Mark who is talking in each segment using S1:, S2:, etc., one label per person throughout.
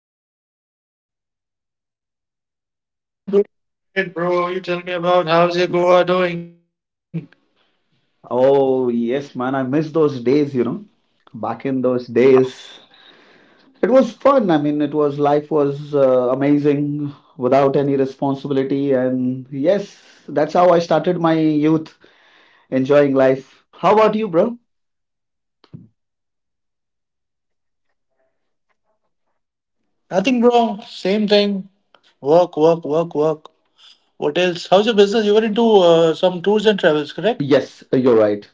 S1: today?
S2: I'm doing great, bro. You tell me about how's your Goa doing?
S1: Oh, yes, man. I miss those days, you know. Back in those days, it was fun. I mean, it was life was amazing without any responsibility. And yes, that's how I started my youth, enjoying life. How about you, bro?
S2: Nothing, bro. Same thing. Work, work, work, work. What else? How's your business? You were into some tours and travels, correct?
S1: Yes, you're right.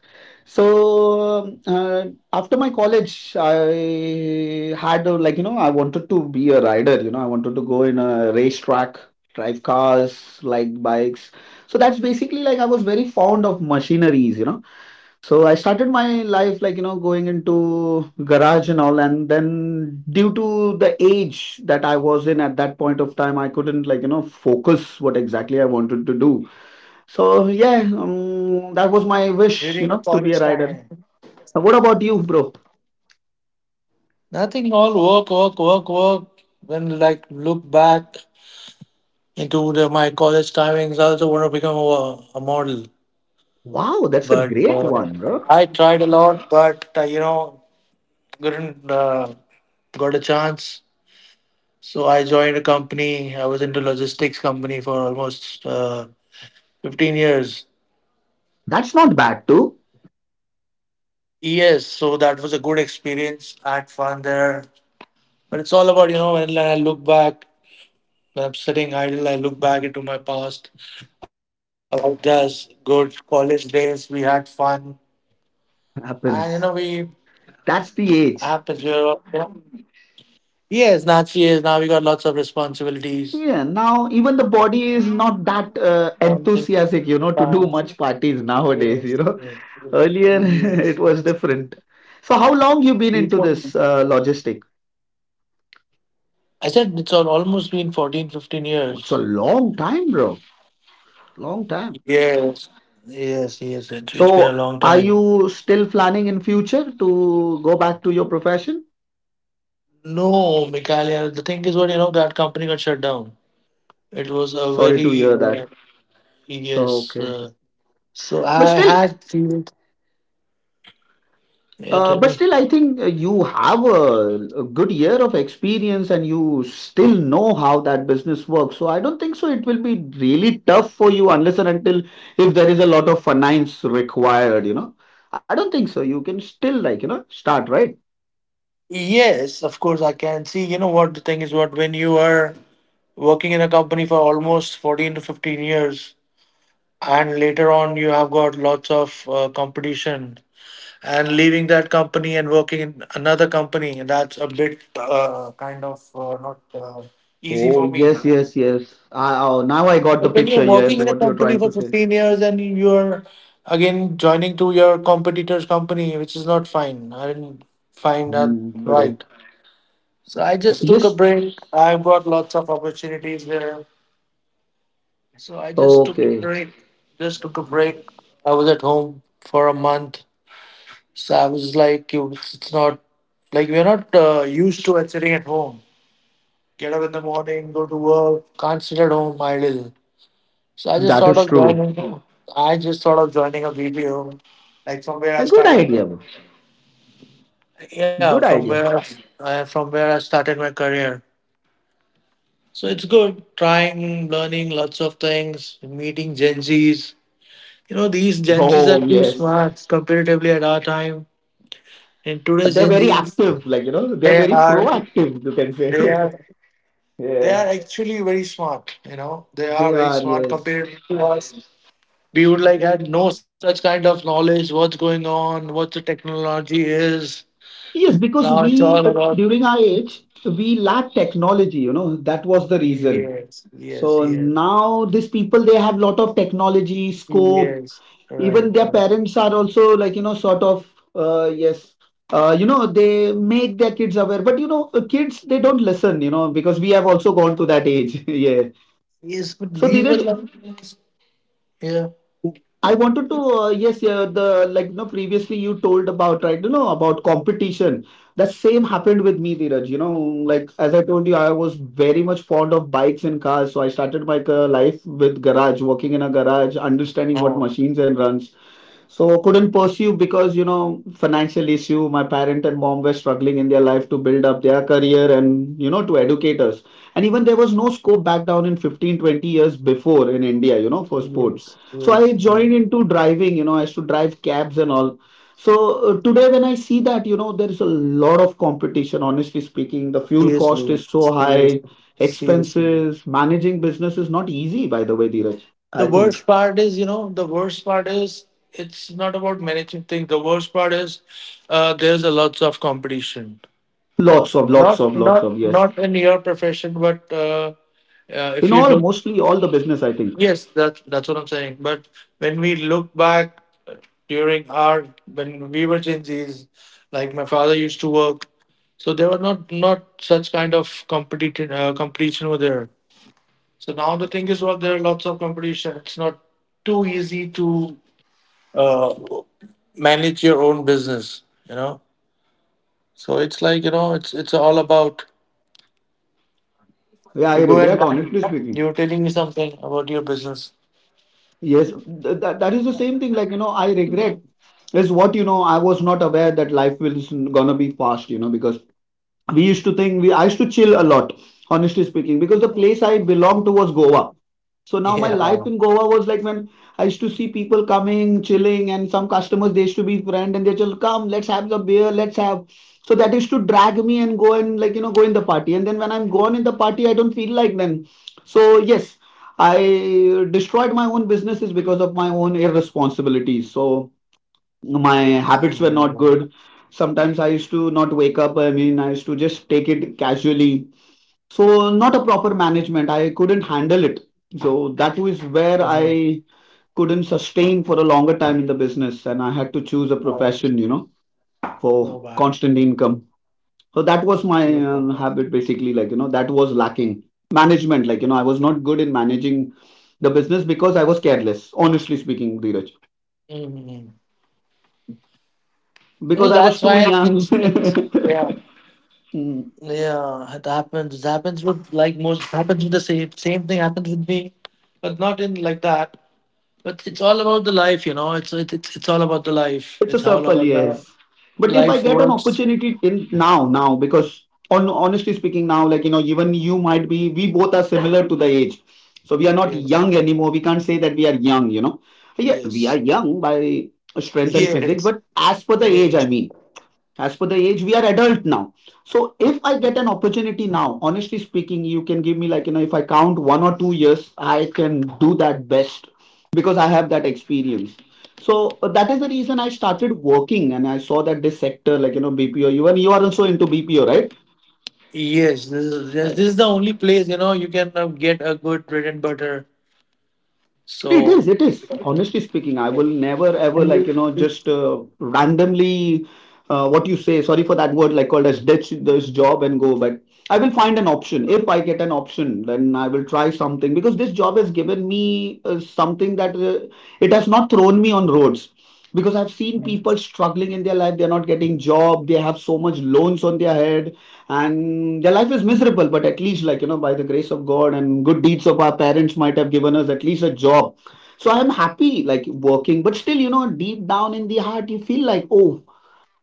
S1: So, after my college, I had a, like, you know, I wanted to be a rider, you know, I wanted to go in a racetrack, drive cars, like bikes. So that's basically like I was very fond of machineries, you know. So I started my life like, you know, going into garage and all, and then due to the age that I was in at that point of time, I couldn't like, you know, focus what exactly I wanted to do. So yeah, that was my wish, you know, to be
S2: During
S1: a
S2: your
S1: rider.
S2: college time.
S1: Now, what about you, bro?
S2: Nothing. All work, work, work, work. When like look back into my college timings, I also want to become a model.
S1: Wow, that's
S2: But
S1: a great one, bro.
S2: I tried a lot, but you know, couldn't got a chance. So I joined a company. I was into logistics company for almost 15 years.
S1: That's not bad too.
S2: Yes, so that was a good experience. I had fun there. But it's all about, you know, when I look back, when I'm sitting idle, I look back into my past about those good college days. We had fun. And, you
S1: Happens.
S2: know, we
S1: That's the age.
S2: happens. We were, you know, yeah. Yes, Nachi is now we got lots of
S1: Yeah,
S2: responsibilities.
S1: now even the body is not that
S2: Something. Have
S1: enthusiastic,
S2: been
S1: you know, to do
S2: five
S1: much parties nowadays, you know.
S2: years, years,
S1: Earlier it
S2: years.
S1: was different. So how long you been into this
S2: People-
S1: logistic?
S2: I said it's all, almost been 14, fifteen
S1: It's a
S2: years.
S1: long time, bro. Long time.
S2: Yes. Yes. It's been a
S1: So
S2: long
S1: are
S2: time.
S1: you still planning in future to go back to your profession?
S2: No, Michaelia, the thing is what, you know, that company got shut down. It was a
S1: Sorry to hear
S2: very,
S1: that.
S2: yes.
S1: Okay.
S2: So
S1: But
S2: I
S1: still,
S2: had, feel. Yeah, tell
S1: but
S2: me.
S1: still, I think you have a good year of experience and you still know how that business works. So I don't think so. It will be really tough for you unless and until if there is a lot of finance required, you know. I don't think so. You can still like, you know, start, right?
S2: Yes, of course I can see. You know what the thing is what when you are working in a company for almost 14 to 15 years, and later on you have got lots of competition and leaving that company and working in another company that's a bit kind of not easy
S1: Oh,
S2: for me.
S1: yes, yes, yes. I, oh, now I got the
S2: But when you're
S1: picture. Yes,
S2: working in a
S1: what you're
S2: company
S1: trying
S2: for
S1: to say.
S2: 15 years and you're again joining to your competitor's company, which is not fine. I didn't find that
S1: Hmm, correct.
S2: right. So I just took a
S1: Yes.
S2: break. I've got lots of opportunities there, so I just took a
S1: Okay.
S2: break. Just took a break. I was at home for a month. So I was like, it's not like we're not used to it sitting at home. Get up in the morning, go to work, can't sit at home idle. So I just
S1: That is
S2: thought of
S1: true.
S2: joining. I just thought of joining a BPO, like from
S1: A
S2: where I
S1: good idea,
S2: started.
S1: bro.
S2: Yeah,
S1: Good idea.
S2: from where I started my career. So it's good trying, learning lots of things, meeting Gen Zs. You know, these Gen Zs
S1: Oh,
S2: are too
S1: yes.
S2: smart comparatively at our time. In today's
S1: They're
S2: Gen
S1: very
S2: Zs,
S1: active, like, you know, they're
S2: they
S1: very
S2: are
S1: proactive, you can say.
S2: they are they
S1: Yeah,
S2: are actually very smart. You know, they
S1: they
S2: are very
S1: are,
S2: smart
S1: yes.
S2: compared to us. We would like had no such kind of knowledge. What's going on? What the technology is?
S1: Yes, because
S2: Now it's
S1: we,
S2: all about.
S1: during our age, so we lack technology, you know, that was the reason.
S2: Yes,
S1: So
S2: yes, yes,
S1: now these people, they have lot of technology, scope,
S2: yes.
S1: even their
S2: Right, right.
S1: parents are also like, you know, sort of, yes, you know, they make their kids aware. But, you know, kids, they don't listen, you know, because we have also gone to that age. Yeah.
S2: Yes, but
S1: So,
S2: we
S1: Dheeraj,
S2: were like, this. Yeah.
S1: I wanted to, yes, yeah, the like, you know, previously you told about, right, you know, about competition. That same happened with me, Dheeraj. You know, like as I told you, I was very much fond of bikes and cars. So I started my life with garage, working in a garage, understanding what
S2: Oh,
S1: machines and runs. So couldn't pursue because, you know, financial issue. My parent and mom were struggling in their life to build up their career and, you know, to educate us. And even there was no scope back down in 15, 20 years before in India, you know, for sports.
S2: yes,
S1: So I
S2: yes. yes.
S1: joined into driving, you know, I used to drive cabs and all. So today when I see that, you know, there is a lot of competition, honestly speaking. The fuel cost
S2: Seriously,
S1: is so high,
S2: seriously, seriously.
S1: expenses, managing business is not easy, by the way, Dheeraj.
S2: The
S1: I think
S2: worst part is, you know, the worst part is it's not about managing things. The worst part is there's a lots of competition.
S1: lots of, lots
S2: not
S1: of, lots
S2: not
S1: of, yes.
S2: not in your profession, but if
S1: In
S2: you
S1: all
S2: look.
S1: mostly all the business I think.
S2: Yes, that's what I'm saying. But when we look back uh, during our, when we were Gen Zs, like my father used to work, so there were not such kind of competition competition over there. So now the thing is, well, there are lots of competition. It's not too easy to uh, manage your own business, you know. So it's like, you know, it's all about.
S1: Yeah,
S2: You
S1: I
S2: go and
S1: regret honestly speaking.
S2: you're telling me something about your business
S1: Yes. That, that is the same thing like you know I regret is what you know I was not aware that life was gonna be fast you know because we used to think we, I used to chill a lot honestly speaking because the place I belonged to was Goa. So now my
S2: Yeah.
S1: life
S2: Wow.
S1: in Goa was like when I used to see people coming, chilling, and some customers they used to be friend and they just come, let's have the beer, let's have. So that used to drag me and go and like you know go in the party. And then when I'm gone in the party, I don't feel like then. So yes, I destroyed my own businesses because of my own irresponsibilities. So my
S2: Yeah.
S1: habits were not good. Sometimes I used to not wake up, I mean I used to just take it casually. So not a proper management, I couldn't handle it. So that was where
S2: Mhm.
S1: I couldn't sustain for a longer time in the business and I had to choose a
S2: Oh,
S1: profession you know,
S2: so
S1: for
S2: bad.
S1: constant income. So that was
S2: So
S1: my
S2: bad.
S1: habit basically, like you know that was lacking management, like you know I was not good in managing the business because I was careless honestly speaking, Dheeraj.
S2: Mhm. So
S1: Because I
S2: that's
S1: was too
S2: why
S1: young.
S2: it's, it's. Yeah,
S1: Mm,
S2: yeah, it happens, it happens with like most happens with the same thing happens with me, but not in like that. But it's all about the life, you know. It's all about the life,
S1: it's a
S2: it's all
S1: circle,
S2: about the.
S1: yes. But if I
S2: Life
S1: get an
S2: works.
S1: opportunity in now, because on, honestly speaking, now, like, you know, even you might be, we both are similar to the age. So we are not
S2: Yes.
S1: young anymore. We can't say that we are young, you know. Yeah, we are
S2: Yes.
S1: young by strength and physics,
S2: Yes.
S1: but as per the age, I
S2: Yes.
S1: mean. As per the age we are adult now. So if I get an opportunity now honestly speaking you can give me like you know if I count 1 or 2 years I can do that best because I have that experience. So that is the reason I started working and I saw that this sector like you know BPO, even you are also into BPO, right?
S2: Yes. This is, this
S1: Uh,
S2: is the only place, you know, you can get a good bread and butter.
S1: It
S2: So
S1: is, it is. Honestly speaking, I
S2: uh,
S1: will never ever
S2: and
S1: like, you
S2: you-
S1: know, just randomly what you say, sorry for that word, like called as ditch this job and go. But I will find an option. If I get an option, then I will try something because this job has given me something that it has not thrown me on roads. Because I've seen people struggling in their life, they're not getting job, they have so much loans on their head, and their life is miserable. But at least, like, you know, by the grace of God and good deeds of our parents might have given us at least a job, so I'm happy like working, but still, you know, deep down in the heart, you feel like, oh,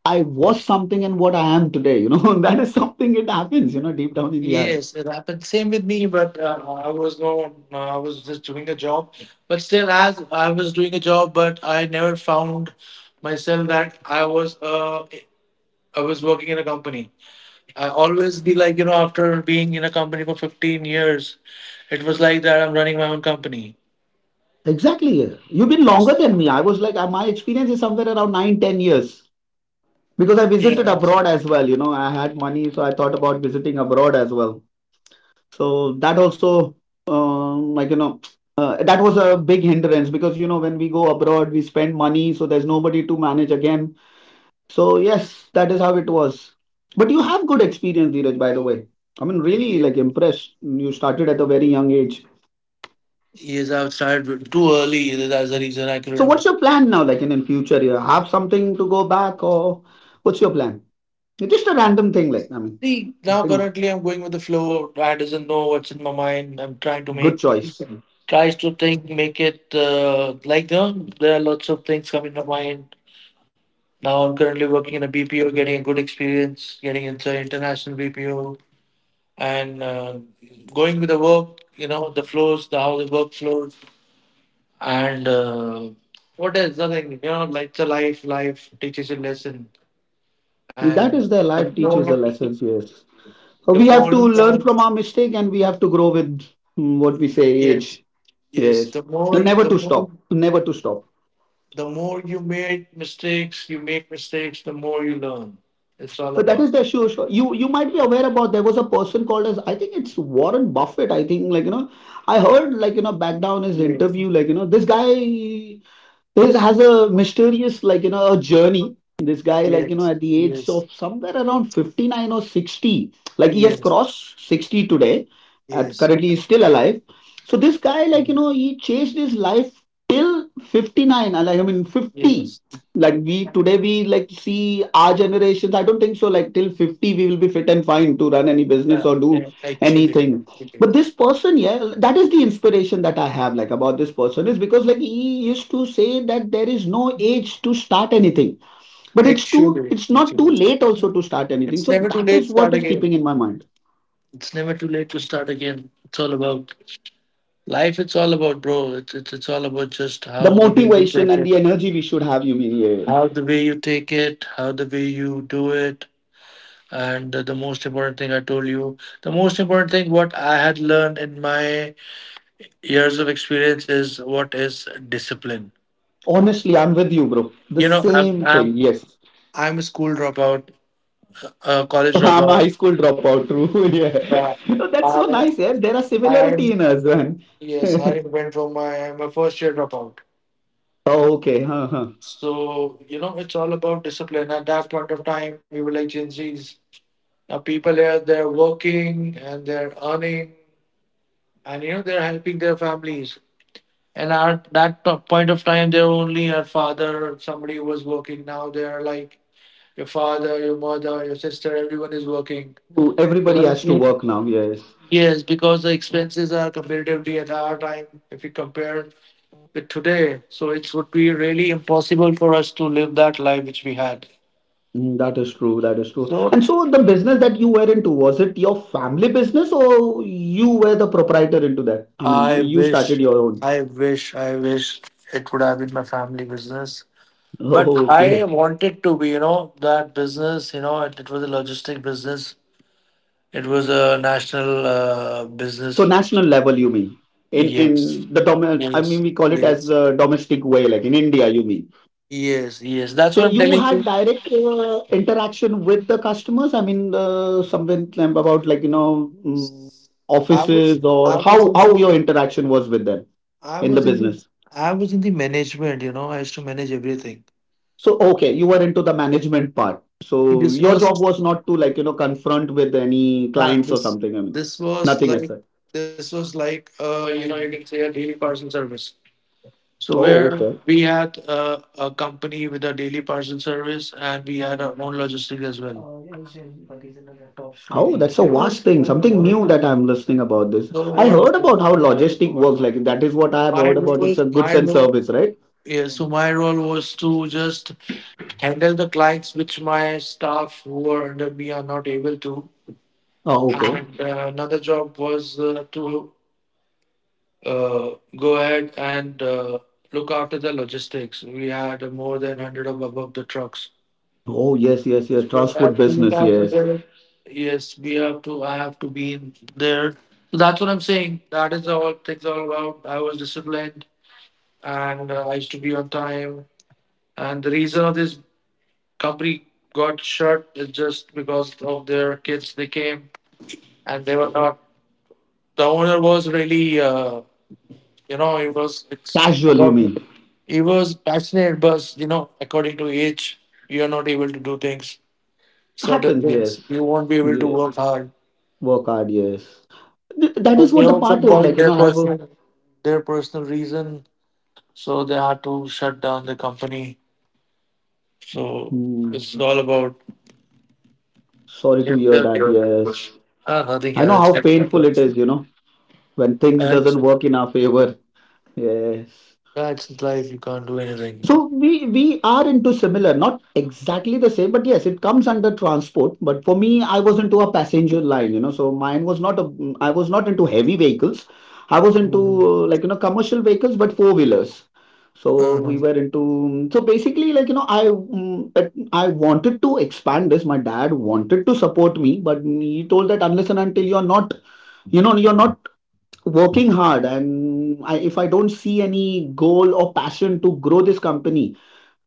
S1: I was something and what I am today, you know, that is something it happens, you know, deep down in the heart.
S2: yes, it happened. Same with me, but I was no, I was just doing a job. But still, as I was doing a job, but I never found myself that I was working in a company. I always be like, you know, after being in a company for 15 years, it was like that I'm running my own company.
S1: Exactly, yeah. You've been longer than me. I was like, my experience is somewhere around nine, 10 years because I visited
S2: Yes.
S1: abroad as well. You know, I had money, so I thought about visiting abroad as well. So that also, like, you know, that was a big hindrance because, you know, when we go abroad, we spend money, so there's nobody to manage again. So yes, that is how it was. But you have good experience, Dheeraj, by the way. I mean, really like
S2: Yes.
S1: impressed. You started
S2: Yes.
S1: at a very young age.
S2: Yes, I've started too early. That's the reason I
S1: So what's
S2: couldn't.
S1: your plan now? Like in future, you have something to go back, or what's your plan? It's just a random thing. Like I mean,
S2: See, now
S1: nothing.
S2: currently I'm going with the flow. I doesn't know what's in my mind. I'm trying to
S1: Good
S2: make,
S1: choice.
S2: tries to think, make it like, you know, there are lots of things coming to mind. Now I'm currently working in a BPO, getting a good experience, getting into an international BPO. And going with the work, you know, the flows, the how the work flows, and what else? Nothing, you know, like the life, life teaches a lesson,
S1: Yeah, that
S2: and
S1: is their life teaches the lessons. Yes, so
S2: the
S1: we have
S2: more,
S1: to
S2: you
S1: learn
S2: learn-
S1: from our mistake, and we have to grow with mm, what we say
S2: yes,
S1: age.
S2: yes,
S1: Yes,
S2: the more,
S1: and never
S2: the
S1: to
S2: more,
S1: stop. Never to stop.
S2: the more you make mistakes, the more you learn. It's all
S1: So that is
S2: about.
S1: the issue. Sure. You might be aware about there was a person called as I think it's Warren Buffett. I think like you know, I heard like you know back down his
S2: Yes,
S1: interview like you know this guy this has a mysterious like you know a journey this guy like you know
S2: yes,
S1: at the age
S2: yes,
S1: of somewhere around 59 or 60, like he has
S2: yes,
S1: crossed 60 today. At
S2: yes,
S1: currently he's still alive. So this guy like you know he chased his life till 59 like I mean 50.
S2: yes.
S1: Like we today we like see our generations, I don't think so like till 50 we will be fit and fine to run any
S2: Yeah,
S1: business or do
S2: yeah,
S1: anything.
S2: actually.
S1: But this person, yeah, that is the inspiration that I have like about this person is because like he used to say that there is no age to start anything but it's too
S2: Actually,
S1: it's not too
S2: actually,
S1: late also to start anything.
S2: it's
S1: So
S2: never too
S1: that
S2: late to
S1: is what
S2: start
S1: is
S2: again.
S1: keeping in my mind,
S2: It's never too late to start again. It's all about life. It's all about, bro. It's all about just
S1: the
S2: how the way you
S1: motivation
S2: take
S1: and
S2: it,
S1: the energy we should have you mean. Yeah,
S2: how the way you take it, how the way you do it, and the most important thing I told you, the most important thing what I had learned in my years of experience is what is discipline.
S1: honestly I'm with you bro, the
S2: You know, I'm
S1: same thing,
S2: I'm
S1: yes.
S2: I'm a school dropout, a college
S1: I'm a
S2: dropout.
S1: high school dropout, true. Yeah.
S2: Yeah.
S1: No, that's so
S2: I,
S1: nice, yeah, there are
S2: I am
S1: similarity in us, man.
S2: Yes, I went from my first year dropout.
S1: Okay, huh, huh.
S2: So you know, it's all about discipline. At that point of time, we were like Gen Zs. Now people here, they're working and they're earning, and you know they're helping their families. And at that point of time, they're only your father, somebody who was working. Now they're like your father, your mother, your sister. Everyone is working. So
S1: Everybody
S2: like,
S1: has to work now, yes.
S2: yes, because the expenses are comparatively at our time, if you compare today. So it would be really impossible for us to live that life which we had.
S1: Mm, that is true. That is true.
S2: So
S1: And so the business that you were into, was it your family business or you were the proprietor into that? I mean,
S2: I
S1: you started
S2: wish,
S1: your own.
S2: I wish, I wish it would have been my family business. But
S1: Oh,
S2: I
S1: okay.
S2: wanted to be, you know, that business, you know, it was a logistic business. It was a national
S1: So
S2: business.
S1: national level, you mean?
S2: Yes.
S1: In the dom I mean,
S2: Yes.
S1: we call it as
S2: Yes.
S1: the domestic way, like in India, you mean?
S2: Yes. Yes. That's
S1: So
S2: what I'm
S1: you
S2: telling
S1: had
S2: you.
S1: direct interaction with the customers? I mean, somewhere about like,
S2: I was
S1: offices
S2: I
S1: or
S2: was
S1: how
S2: in
S1: your interaction was with them
S2: I
S1: in the
S2: was in the
S1: business?
S2: I was in the management, you know, I used to manage everything.
S1: So, okay, you were into the management part.
S2: See,
S1: So
S2: this
S1: your job
S2: was
S1: was not to like, confront with any
S2: uh,
S1: clients or
S2: this
S1: something. I mean,
S2: this was
S1: nothing as
S2: like
S1: such.
S2: this was like you know, you can say a daily parcel service. So
S1: Oh,
S2: where
S1: okay.
S2: we had a company with a daily parcel service and we had our own logistics as well.
S1: Oh, 20. That's a vast thing. Something new that I'm listening about this.
S2: So
S1: I
S2: what
S1: heard about how logistic works. Like that is what I have heard about. It's a goods
S2: my
S1: and
S2: role.
S1: service, right?
S2: Yeah, so my role was to just handle the clients which my staff who are under me are not able to,
S1: Oh, okay.
S2: and another job was to go ahead and look after the logistics. We had more than 100 of above the trucks.
S1: Oh, yes, yes, yes.
S2: So I
S1: Transport
S2: have to look
S1: business,
S2: after
S1: yes.
S2: the- yes, we have to. I have to be in there. So that's what I'm saying. That is all things all about. I was disciplined and I used to be on time. And the reason of this company got shut is just because of their kids. They came and they were not. The owner was really. You know, he was it's
S1: Casual, you
S2: about
S1: mean?
S2: he was passionate, but you know, according to age, you are not able to do things, certain
S1: Happens,
S2: things.
S1: yes.
S2: You won't be able to
S1: Yeah.
S2: work hard.
S1: Work hard, yes. That
S2: So
S1: is
S2: they
S1: what the
S2: also
S1: part is. Like,
S2: got
S1: you know, I have a.
S2: their personal reason. So they had to shut down the company. So
S1: Hmm.
S2: this is all about.
S1: Sorry to hear that. Yes.
S2: Ah, nothing
S1: I
S2: here.
S1: know
S2: It's
S1: how painful it
S2: it's,
S1: is, you know, when things doesn't work in our favor. Yes.
S2: yeah, it's his life. You can't do anything.
S1: So we are into similar, not exactly the same, but yes, it comes under transport. But for me, I was into a passenger line. So mine was not a, I was not into heavy vehicles. I was into
S2: Mhm.
S1: like commercial vehicles, but four wheelers. So we
S2: Mhm.
S1: were into, so basically like I wanted to expand this. My dad wanted to support me, but he told that unless and until you're not working hard, and if I don't see any goal or passion to grow this company,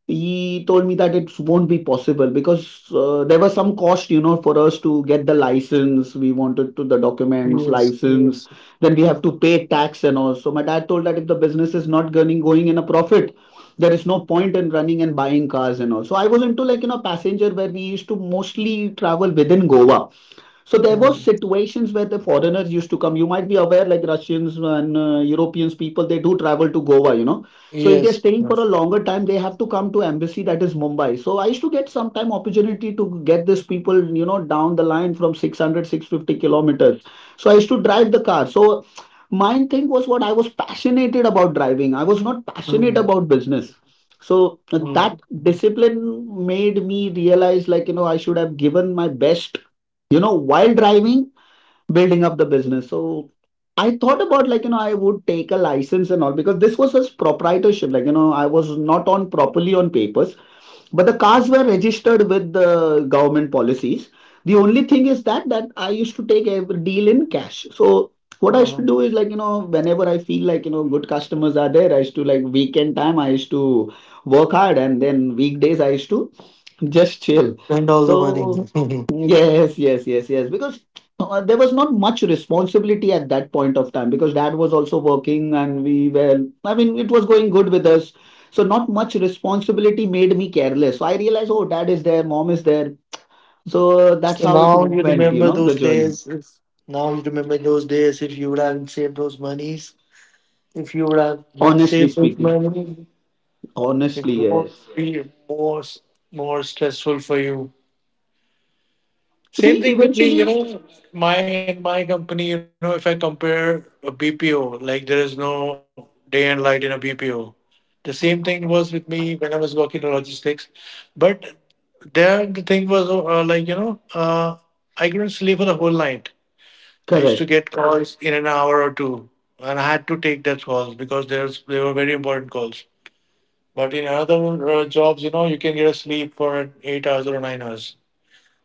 S1: he told me that it won't be possible because there was some cost for us to get the license, we wanted to the documents
S2: Yes,
S1: license,
S2: yes.
S1: then we have to pay tax and all. So my dad told that if the business is not going in a profit, there is no point in running and buying cars and all. So I was into like passenger, where we used to mostly travel within Goa. So there was
S2: Mhm.
S1: situations where the foreigners used to come. You might be aware, like Russians and Europeans people, they do travel to Goa, you know. So if they're
S2: Yes.
S1: staying for a
S2: Yes.
S1: longer time, they have to come to embassy that is Mumbai. So I used to get some time opportunity to get these people, down the line from 600 650 kilometers. So I used to drive the car. So my thing was what I was passionate about driving. I was not passionate about business. So that
S2: Mm,
S1: discipline made me realize like, you know, I should have given my best, while driving, building up the business. So I thought about like, I would take a license and all because this was his proprietorship. Like, I was not on properly on papers, but the cars were registered with the government policies. The only thing is that I used to take every deal in cash. So what I used to do is
S2: mm.
S1: like whenever I feel like good customers are there, I used to like weekend time, I used to work hard, and then weekdays I used to just chill.
S2: Spend all the
S1: So
S2: money.
S1: yes, yes, yes, yes, because there was not much responsibility at that point of time because dad was also working and we were, I mean, it was going good with us. So not much responsibility made me careless. So I realized, oh, dad is there, mom is there. So that's
S2: So
S1: how it
S2: now you
S1: went, you
S2: remember
S1: know,
S2: those
S1: the journey.
S2: days. If now you remember those days, if you would have saved those monies, if you would have didn't
S1: Honestly
S2: save those
S1: speaking,
S2: money, it
S1: honestly,
S2: would
S1: yes.
S2: be more stressful for you. Same
S1: See,
S2: thing with me, you
S1: eventually,
S2: know, my in my company, you know, if I compare a BPO, like there is no day and light in a BPO. The same thing was with me when I was working in logistics, but there the thing was like you know, I couldn't sleep for the whole night. I used to
S1: correct.
S2: get calls in an hour or two, and I had to take those calls because there's they were very important calls. But in other jobs, you know, you can get a sleep for 8 hours or 9 hours.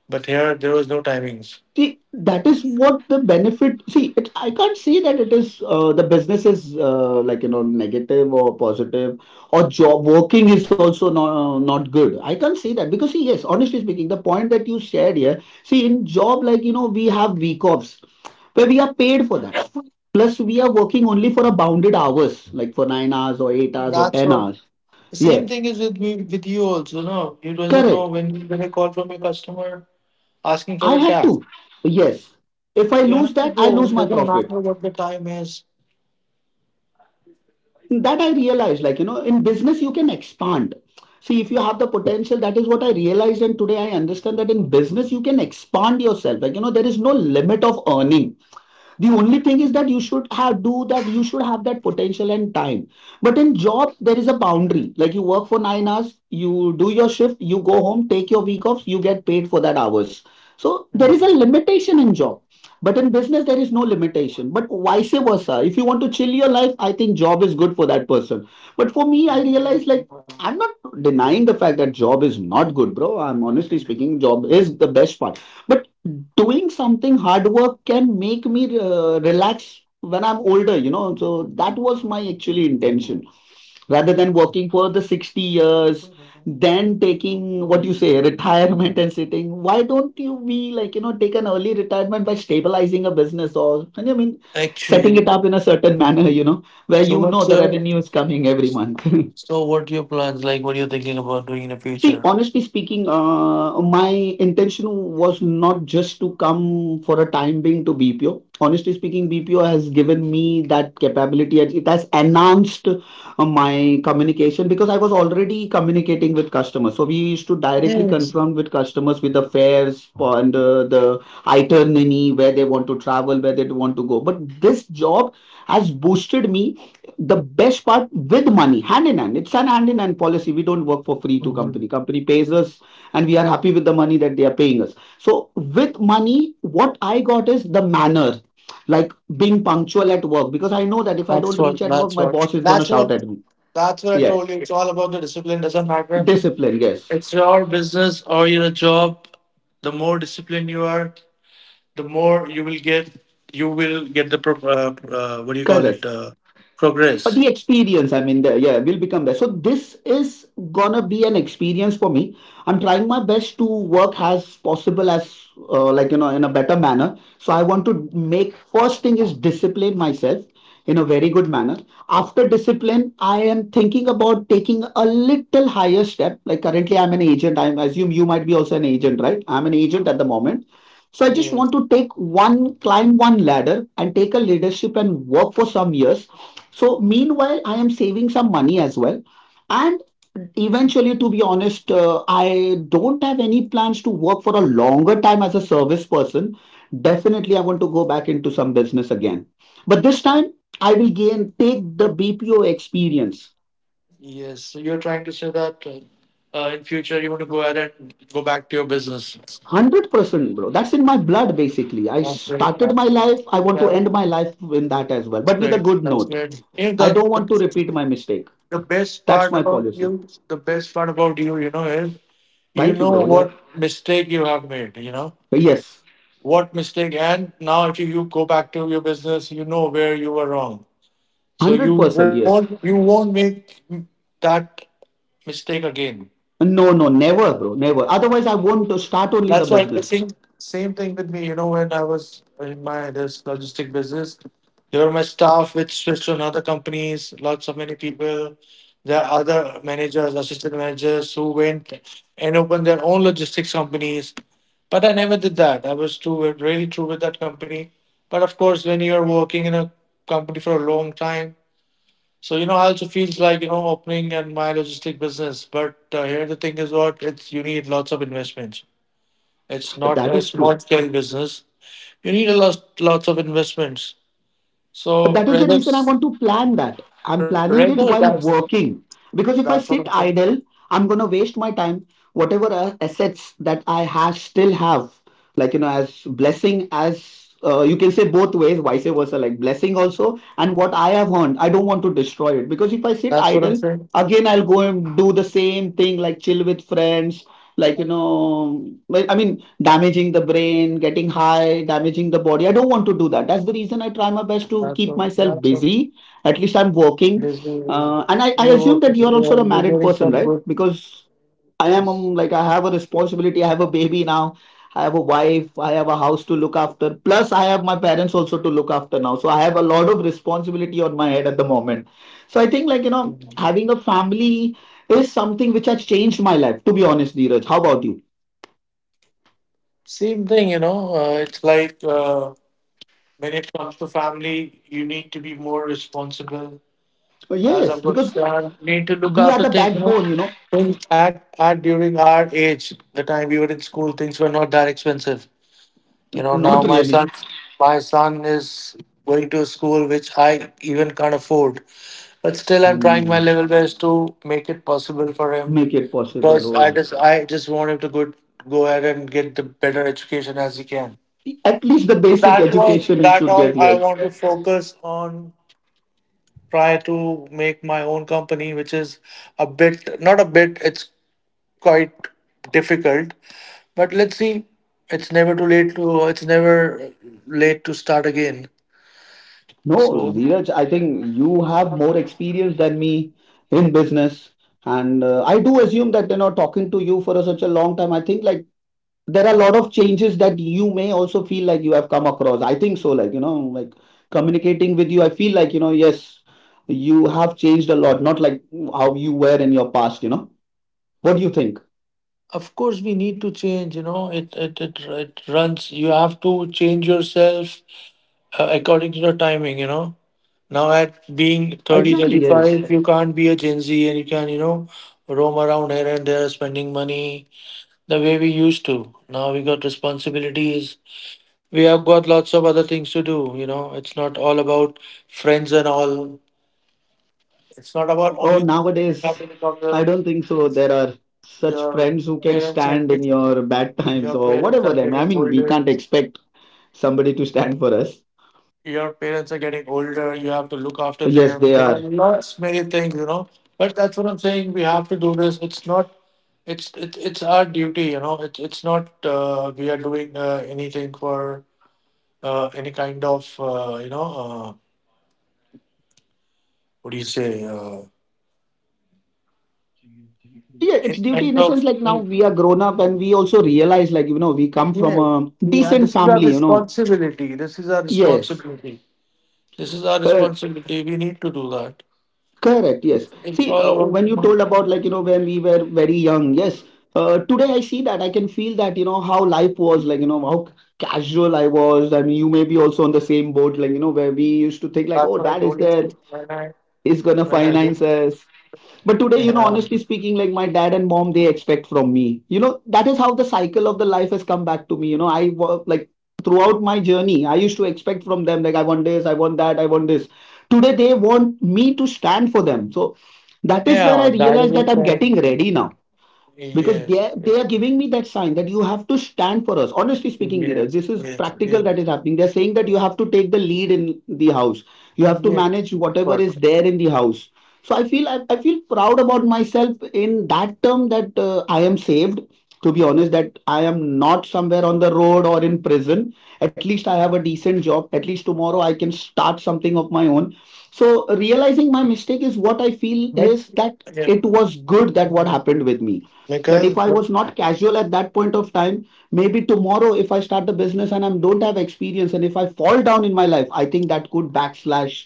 S2: But here, there was no timings.
S1: See, that is what the benefit. See, it, I can't say that it is the business is like negative or positive or job working is also not good. I can't say that because see, yes, honestly speaking, the point that you shared here. See, in job like we have week offs where we are paid for that. Plus, we are working only for a bounded hours, like for 9 hours or 8 hours or
S2: That's
S1: ten
S2: what.
S1: hours.
S2: The
S1: Yeah,
S2: same thing is with me, with you also. No, you doesn't know
S1: correct.
S2: when you get a call from a customer asking for
S1: I
S2: a
S1: have
S2: cab.
S1: to. Yes. If I
S2: You
S1: lose
S2: have to
S1: that, I
S2: go.
S1: lose
S2: It
S1: my
S2: doesn't
S1: profit.
S2: matter what the time is.
S1: That I realized, like, in business, you can expand. See, if you have the potential, that is what I realized. And today I understand that in business, you can expand yourself. Like, there is no limit of earning. The only thing is that you should have do that, you should have that potential and time. But in job there is a boundary, like you work for 9 hours, you do your shift, you go home, take your week off, you get paid for that hours. So there is a
S2: Mm,
S1: limitation in job, but in business there is no limitation. But vice versa, if you want to chill your life, I think job is good for that person. But for me, I realize, like, I'm not denying the fact that job is not good, bro. I'm honestly speaking, job is the best part. But doing something hard work can make me relax when I'm older so that was my actually intention, rather than
S2: mm.
S1: working for the 60 years, then taking what you say retirement and sitting. Why don't you be like take an early retirement by stabilizing a business or I mean setting
S2: Actually,
S1: it up in a certain manner where
S2: so what's
S1: the
S2: your
S1: revenue is coming every month.
S2: so what are your plans like? What are you thinking about doing in the
S1: See,
S2: future?
S1: honestly speaking, my intention was not just to come for a time being to BPO. Honestly speaking, BPO has given me that capability. And it has enhanced my communication because I was already communicating with customers. So we used to directly
S2: Yes.
S1: confront with customers with the fares and the itinerary, where they want to travel, where they want to go. But this job has boosted me. The best part, with money hand in hand, it's an hand in hand policy. We don't work for free to company,
S2: Hmm.
S1: company pays us. And we are happy with the money that they are paying us. So with money, what I got is the manner, like being punctual at work, because I know that if I don't
S2: That's
S1: reach
S2: what.
S1: at work,
S2: That's
S1: my
S2: what.
S1: boss is going to
S2: That's
S1: shout
S2: what.
S1: at me.
S2: That's what I
S1: Yeah,
S2: told you. It's all about the discipline. Doesn't matter.
S1: discipline, yes,
S2: It's your business or your job. The more disciplined you are, the more you will get the pro- what do you call
S1: correct.
S2: it
S1: But
S2: progress.
S1: the experience, I mean, the, yeah, will become there. So this is gonna be an experience for me. I'm trying my best to work as possible as like in a better manner. So I want to make first thing is discipline myself in a very good manner. After discipline, I am thinking about taking a little higher step, like currently I'm an agent. I assume you might be also an agent, right? I'm an agent at the moment. So I just
S2: Yes.
S1: want to take climb one ladder and take a leadership and work for some years. So meanwhile, I am saving some money as well. And eventually, to be honest, I don't have any plans to work for a longer time as a service person. Definitely, I want to go back into some business again.
S2: so
S1: But this
S2: you
S1: time,
S2: you're
S1: I will
S2: trying to say
S1: gain
S2: that you
S1: take the
S2: want to,
S1: BPO experience.
S2: yes, so you're trying to say that in future you want to go ahead and go back to your business.
S1: 100% bro, that's in my blood, basically. I
S2: that's great
S1: started
S2: that-
S1: my life, I want to
S2: that-
S1: end my life in that as well,
S2: that's
S1: but with a
S2: great.
S1: good
S2: That's
S1: note.
S2: great, you know,
S1: I don't want to
S2: the
S1: repeat my mistake,
S2: the best
S1: that's
S2: part
S1: my
S2: about you,
S1: policy.
S2: the best part about you, you know, is you
S1: Thank you
S2: know
S1: bro, yeah,
S2: what mistake you have made, you know
S1: yes,
S2: what mistake. And now if you go back to your business, you know where you were wrong, so
S1: 100%, yes.
S2: you won't make that mistake again.
S1: No, no, never, bro, never. Otherwise, I won't start only the
S2: That's why the
S1: business.
S2: same thing with me. You know, when I was in my this logistic business, there were my staff which switched to another companies. Lots of many people. There are other managers, assistant managers who went and opened their own logistics companies. But I never did that. I was true, really true with that company. But of course, when you're working in a company for a long time, so you know, I also feels like you know opening and my logistic business. But here the thing is what it's you need lots of investments. It's
S1: But
S2: not
S1: that
S2: a
S1: is
S2: small
S1: true.
S2: scale business. You need a lots of investments.
S1: But
S2: So
S1: that is the
S2: rather
S1: reason I want to plan that. I'm planning
S2: rather
S1: it while working. Because
S2: that's
S1: if
S2: what
S1: I
S2: I'm
S1: sit
S2: saying.
S1: idle, I'm gonna waste my time. Whatever assets that I have still have, like, as blessing as you can say both ways, vice versa, like blessing also, and what I have earned, I don't want to destroy it. Because if I sit
S2: That's what I'm
S1: idle,
S2: saying.
S1: again I'll go and do the same thing, like chill with friends, like like I mean damaging the brain, getting high, damaging the body. I don't want to do that. That's the reason I try my best to keep myself
S2: That's what
S1: busy. At least I'm working.
S2: Basically
S1: And I
S2: you're
S1: assume that
S2: working.
S1: you're also a
S2: You're
S1: married
S2: getting
S1: person,
S2: some
S1: right?
S2: good.
S1: Because I am
S2: Yes.
S1: like, I have a responsibility. I have a baby now. I have a wife. I have a house to look after. Plus, I have my parents also to look after now. So I have a lot of responsibility on my head at the moment. So I think,
S2: Mhm.
S1: having a family is something which has changed my life, to be honest, Dheeraj. How about you?
S2: Same thing, you know. It's like, when it comes to family, you need to be more responsible,
S1: Oh,
S2: as
S1: yes,
S2: I've got
S1: because
S2: to need to look
S1: we are
S2: after
S1: the
S2: things. You know,
S1: backbone, you know.
S2: things at during our age, the time we were in school, things were not that expensive. You
S1: N-
S2: know, now
S1: Not really.
S2: my son is going to a school which I even can't afford. But still, I'm trying my
S1: Hmm.
S2: level best to make it possible for him
S1: Make it possible.
S2: because
S1: Oh,
S2: I just want him to go ahead and get the better education as he can.
S1: at least the basic
S2: That was
S1: education he
S2: that
S1: should get.
S2: all I
S1: Yes.
S2: want to focus on, try to make my own company, which is a bit, not a bit, it's quite difficult. But let's see. It's never late to start again.
S1: No,
S2: So,
S1: Dheeraj, I think you have more experience than me in business, and I do assume that, you know, talking to you for such a long time, I think there are a lot of changes that you may also feel like you have come across. I think so, like, you know, like, communicating with you, I feel like, you know, yes, you have changed a lot, not like how you were in your past, you know. What do you think?
S2: of course, we need to change, you know, it runs, you have to change yourself according to the timing, you know. Now, at
S1: Exactly,
S2: being thirty
S1: yes.
S2: thirty five, you can't be a Gen Z and you can, you know, roam around here and there spending money the way we used to. Now we got responsibilities. We have got lots of other things to do. You know, it's not all about friends and all. It's not about
S1: Oh,
S2: only
S1: nowadays
S2: happening of
S1: I
S2: the
S1: don't think so there are such
S2: your
S1: friends who can
S2: parents are
S1: stand in
S2: get,
S1: your bad times
S2: your
S1: or
S2: parents
S1: whatever. i
S2: are
S1: mean I
S2: getting
S1: mean, we
S2: older.
S1: can't expect somebody to stand for us.
S2: Your parents are getting older. You have to look after
S1: But yes,
S2: them.
S1: they
S2: There
S1: are.
S2: are lots many things, you know. But that's what I'm saying. We have to do this. It's not. It's our duty, you know. It's not. We are doing anything for any kind of you know what do you say
S1: Yeah,
S2: any
S1: it's duty
S2: kind
S1: in a
S2: of,
S1: sense, like, now we are grown up and we also realize, like, you know, we come from
S2: yeah,
S1: a
S2: yeah,
S1: decent family, you know.
S2: this is our
S1: Yes.
S2: responsibility this is our
S1: uh,
S2: responsibility, we need to do that.
S1: Correct, yes.
S2: It's
S1: See,
S2: all about,
S1: when
S2: you
S1: you
S2: know,
S1: told about, like, you know, when we were very young, yes, today I see that I can feel that, you know, how life was, like, you know, how casual I was. I mean, you may be also on the same boat, like, you know, where we used to
S2: that's what
S1: think
S2: I
S1: like, oh,
S2: told you,
S1: dad is there,
S2: when i
S1: he's
S2: when I
S1: gonna
S2: look.
S1: finance us. But today,
S2: Yeah.
S1: you know, honestly speaking, like, my dad and mom, they expect from me, you know. That is how the cycle of the life has come back to me, you know. Like, throughout my journey, I used to expect from them, like, I want this, I want that, I want this. Today they want me to stand for them. So that is where I
S2: Yeah, that is
S1: realized
S2: the
S1: that I'm
S2: thing.
S1: getting ready now,
S2: yes
S1: because they are,
S2: yes yes
S1: they are giving me that sign that you have to stand for us. Honestly speaking, Dheeraj,
S2: yes
S1: this is
S2: yes,
S1: practical, that is happening. They're saying that you have to take the lead in the house, you have to
S2: yes,
S1: manage whatever
S2: but
S1: is there in the house. So I feel proud about myself in that term that I am saved, to be honest, that I am not somewhere on the road or in prison. At least I have a decent job, at least tomorrow I can start something of my own. So realizing my mistake is what I feel
S2: but,
S1: is that
S2: yeah,
S1: it was good that what happened with me, that
S2: because
S1: if I was
S2: but
S1: not casual at that point of time, maybe tomorrow if I start the business and I don't have experience and if I fall down in my life, I think that could backslash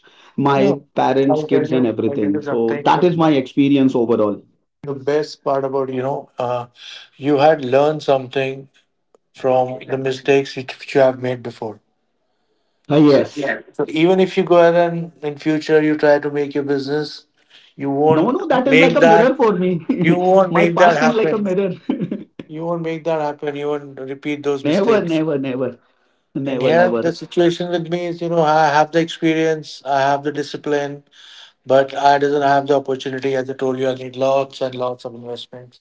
S2: no,
S1: my parents,
S2: I'll tell
S1: kids, and
S2: you, I'll tell
S1: everything.
S2: you
S1: So
S2: something.
S1: that is my experience overall.
S2: The best part about, you know, you had learned something from the mistakes which you have made before,
S1: Ah,
S2: so,
S1: yes.
S2: yeah, so even if you go ahead and in future you try to make your business, you
S1: no
S2: won't
S1: no that is like
S2: make
S1: a mirror
S2: that
S1: for me.
S2: you won't
S1: My
S2: make that
S1: past is like a
S2: happen.
S1: mirror.
S2: You won't repeat those
S1: never
S2: mistakes.
S1: never never
S2: And
S1: never
S2: here
S1: never
S2: the situation with me is, you know, I have the experience, I have the discipline, but I doesn't have the opportunity. As I told you, I need lots and lots of investments.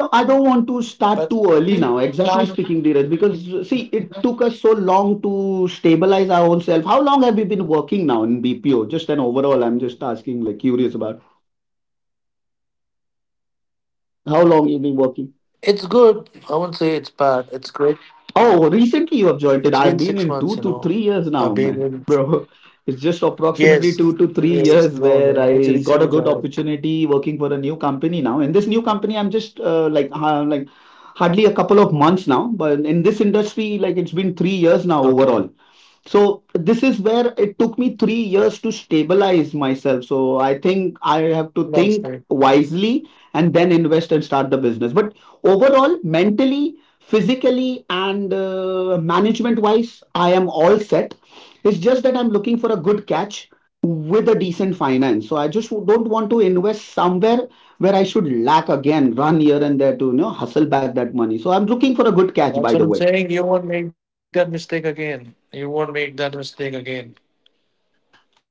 S1: No, I don't want to start
S2: I
S1: too early now, exactly speaking, Dheeraj, because see, it took us so long to stabilize our own self. How long have we been working now in BPO? Just an overall, I'm just asking, like, curious about
S2: it's good. I won't say it's
S1: how
S2: bad.
S1: long
S2: It's
S1: you've been
S2: great.
S1: working.
S2: It's been 6 months, you know. I've
S1: Oh,
S2: been
S1: recently
S2: in.
S1: you have joined it. I've been in two to three
S2: Yes.
S1: years now, man,
S2: Yes.
S1: bro.
S2: No, no. I
S1: It's
S2: just
S1: just
S2: recently joined.
S1: approximately 2 to 3 years where I got a good opportunity working for a new company now. In this new company, I'm just hardly a couple of months now, but in this industry,
S2: Okay.
S1: like, it's been 3 years now overall. So this is where it took me 3 years to stabilize myself. So I think
S2: That's
S1: I
S2: great.
S1: have to think wisely and then invest and start the business. But overall, mentally, physically, and management wise, I am all set. It's just that I'm looking for a good catch with a decent finance. So I just don't want to invest somewhere where I should lack again, run here and there to, you know, hustle back that money. So I'm looking for a good
S2: That's what
S1: catch,
S2: I'm
S1: by the
S2: saying.
S1: way.
S2: You won't make that mistake again.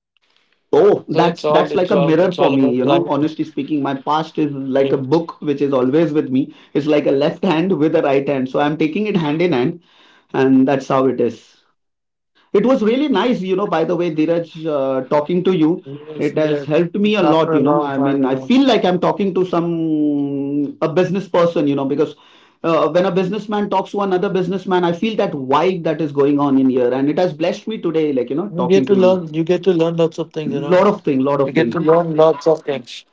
S2: So
S1: Oh,
S2: it's
S1: that's
S2: all
S1: that's
S2: about
S1: like a
S2: life.
S1: mirror for me, you know. Honestly speaking, my
S2: Yes.
S1: past is like a book which is always with me. It's like a left hand with a right hand. So I'm taking it hand in hand, and that's how it is. It was really nice, you know, by the way, Dheeraj, talking to you.
S2: Yes.
S1: It
S2: yes.
S1: has helped me a
S2: After a
S1: lot, you
S2: long
S1: know.
S2: time,
S1: I
S2: you know,
S1: mean, I feel like I'm talking to some a business person, you know, because when a businessman talks to another businessman, I feel that vibe that is going on in here, and it has blessed me today, like, you
S2: you
S1: know,
S2: get to
S1: talking to you.
S2: learn. You get to learn lots of things, you know.
S1: Lot of thing, lot
S2: You
S1: of
S2: get to
S1: thing.
S2: learn lots of things.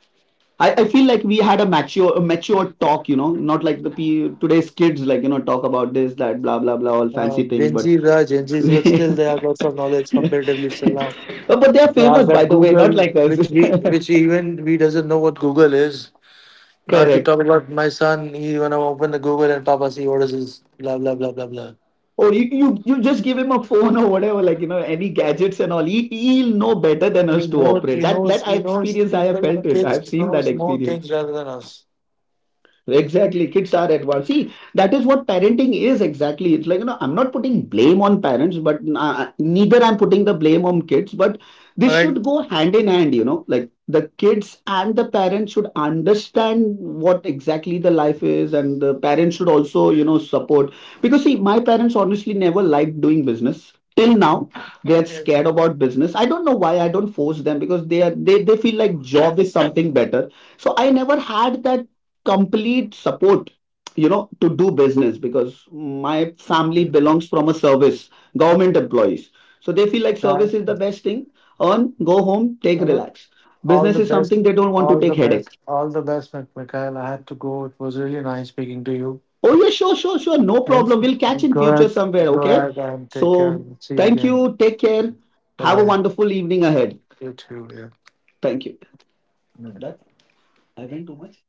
S1: I feel like we had a mature talk, you know, not like the p today's kids, like, you know, talk about this, that, blah blah blah, all fancy things, but
S2: Gen Zs are Gen Zs, but still they have lots of knowledge comparatively still now.
S1: but they are famous, by
S2: They
S1: the
S2: have
S1: way,
S2: that
S1: not like us.
S2: Google, which we, which even we doesn't know what Google is.
S1: Correct.
S2: Now, if you talk about my son, he wanna open the Google and Papa see what is this, blah blah blah blah
S1: Or
S2: blah.
S1: you, you just give him a phone or whatever, like, you know, any gadgets and all. He he'll know better than us to operate. That I experience, I
S2: He
S1: have felt
S2: knows
S1: it. I have seen
S2: people,
S1: that
S2: kids
S1: experience.
S2: knows more things rather than us.
S1: Exactly. Kids are advanced. See, that is what parenting is exactly. It's like, you know, I'm not putting blame on parents, but neither I'm putting the blame on kids, but this should go
S2: All
S1: hand
S2: right.
S1: in hand, you know, like the kids and the parents should understand what exactly the life is, and the parents should also, you know, support. Because, see, my parents honestly never liked doing business. Till now, they're scared about
S2: Yeah.
S1: business. I don't know why I don't force them, because they feel like job is something better. So I never had that complete support, you know, to do business, because my family belongs from a
S2: Yeah.
S1: service, government employees, so they feel like service is the best
S2: Uh,
S1: thing. Earn, go home, take relax.
S2: Hello.
S1: Business is something they
S2: All the
S1: don't want to
S2: best.
S1: take headache.
S2: All the best, Mikhail. I had to go. It was really nice speaking
S1: Oh
S2: to
S1: yeah,
S2: you.
S1: sure, no problem, we'll catch in
S2: Yes.
S1: future somewhere,
S2: Go
S1: okay.
S2: ahead. Go ahead
S1: So
S2: and take
S1: thank
S2: care.
S1: you,
S2: See you
S1: take care.
S2: again.
S1: Have a wonderful
S2: Bye bye.
S1: evening ahead.
S2: You too. Yeah.
S1: Thank you. That I went too much.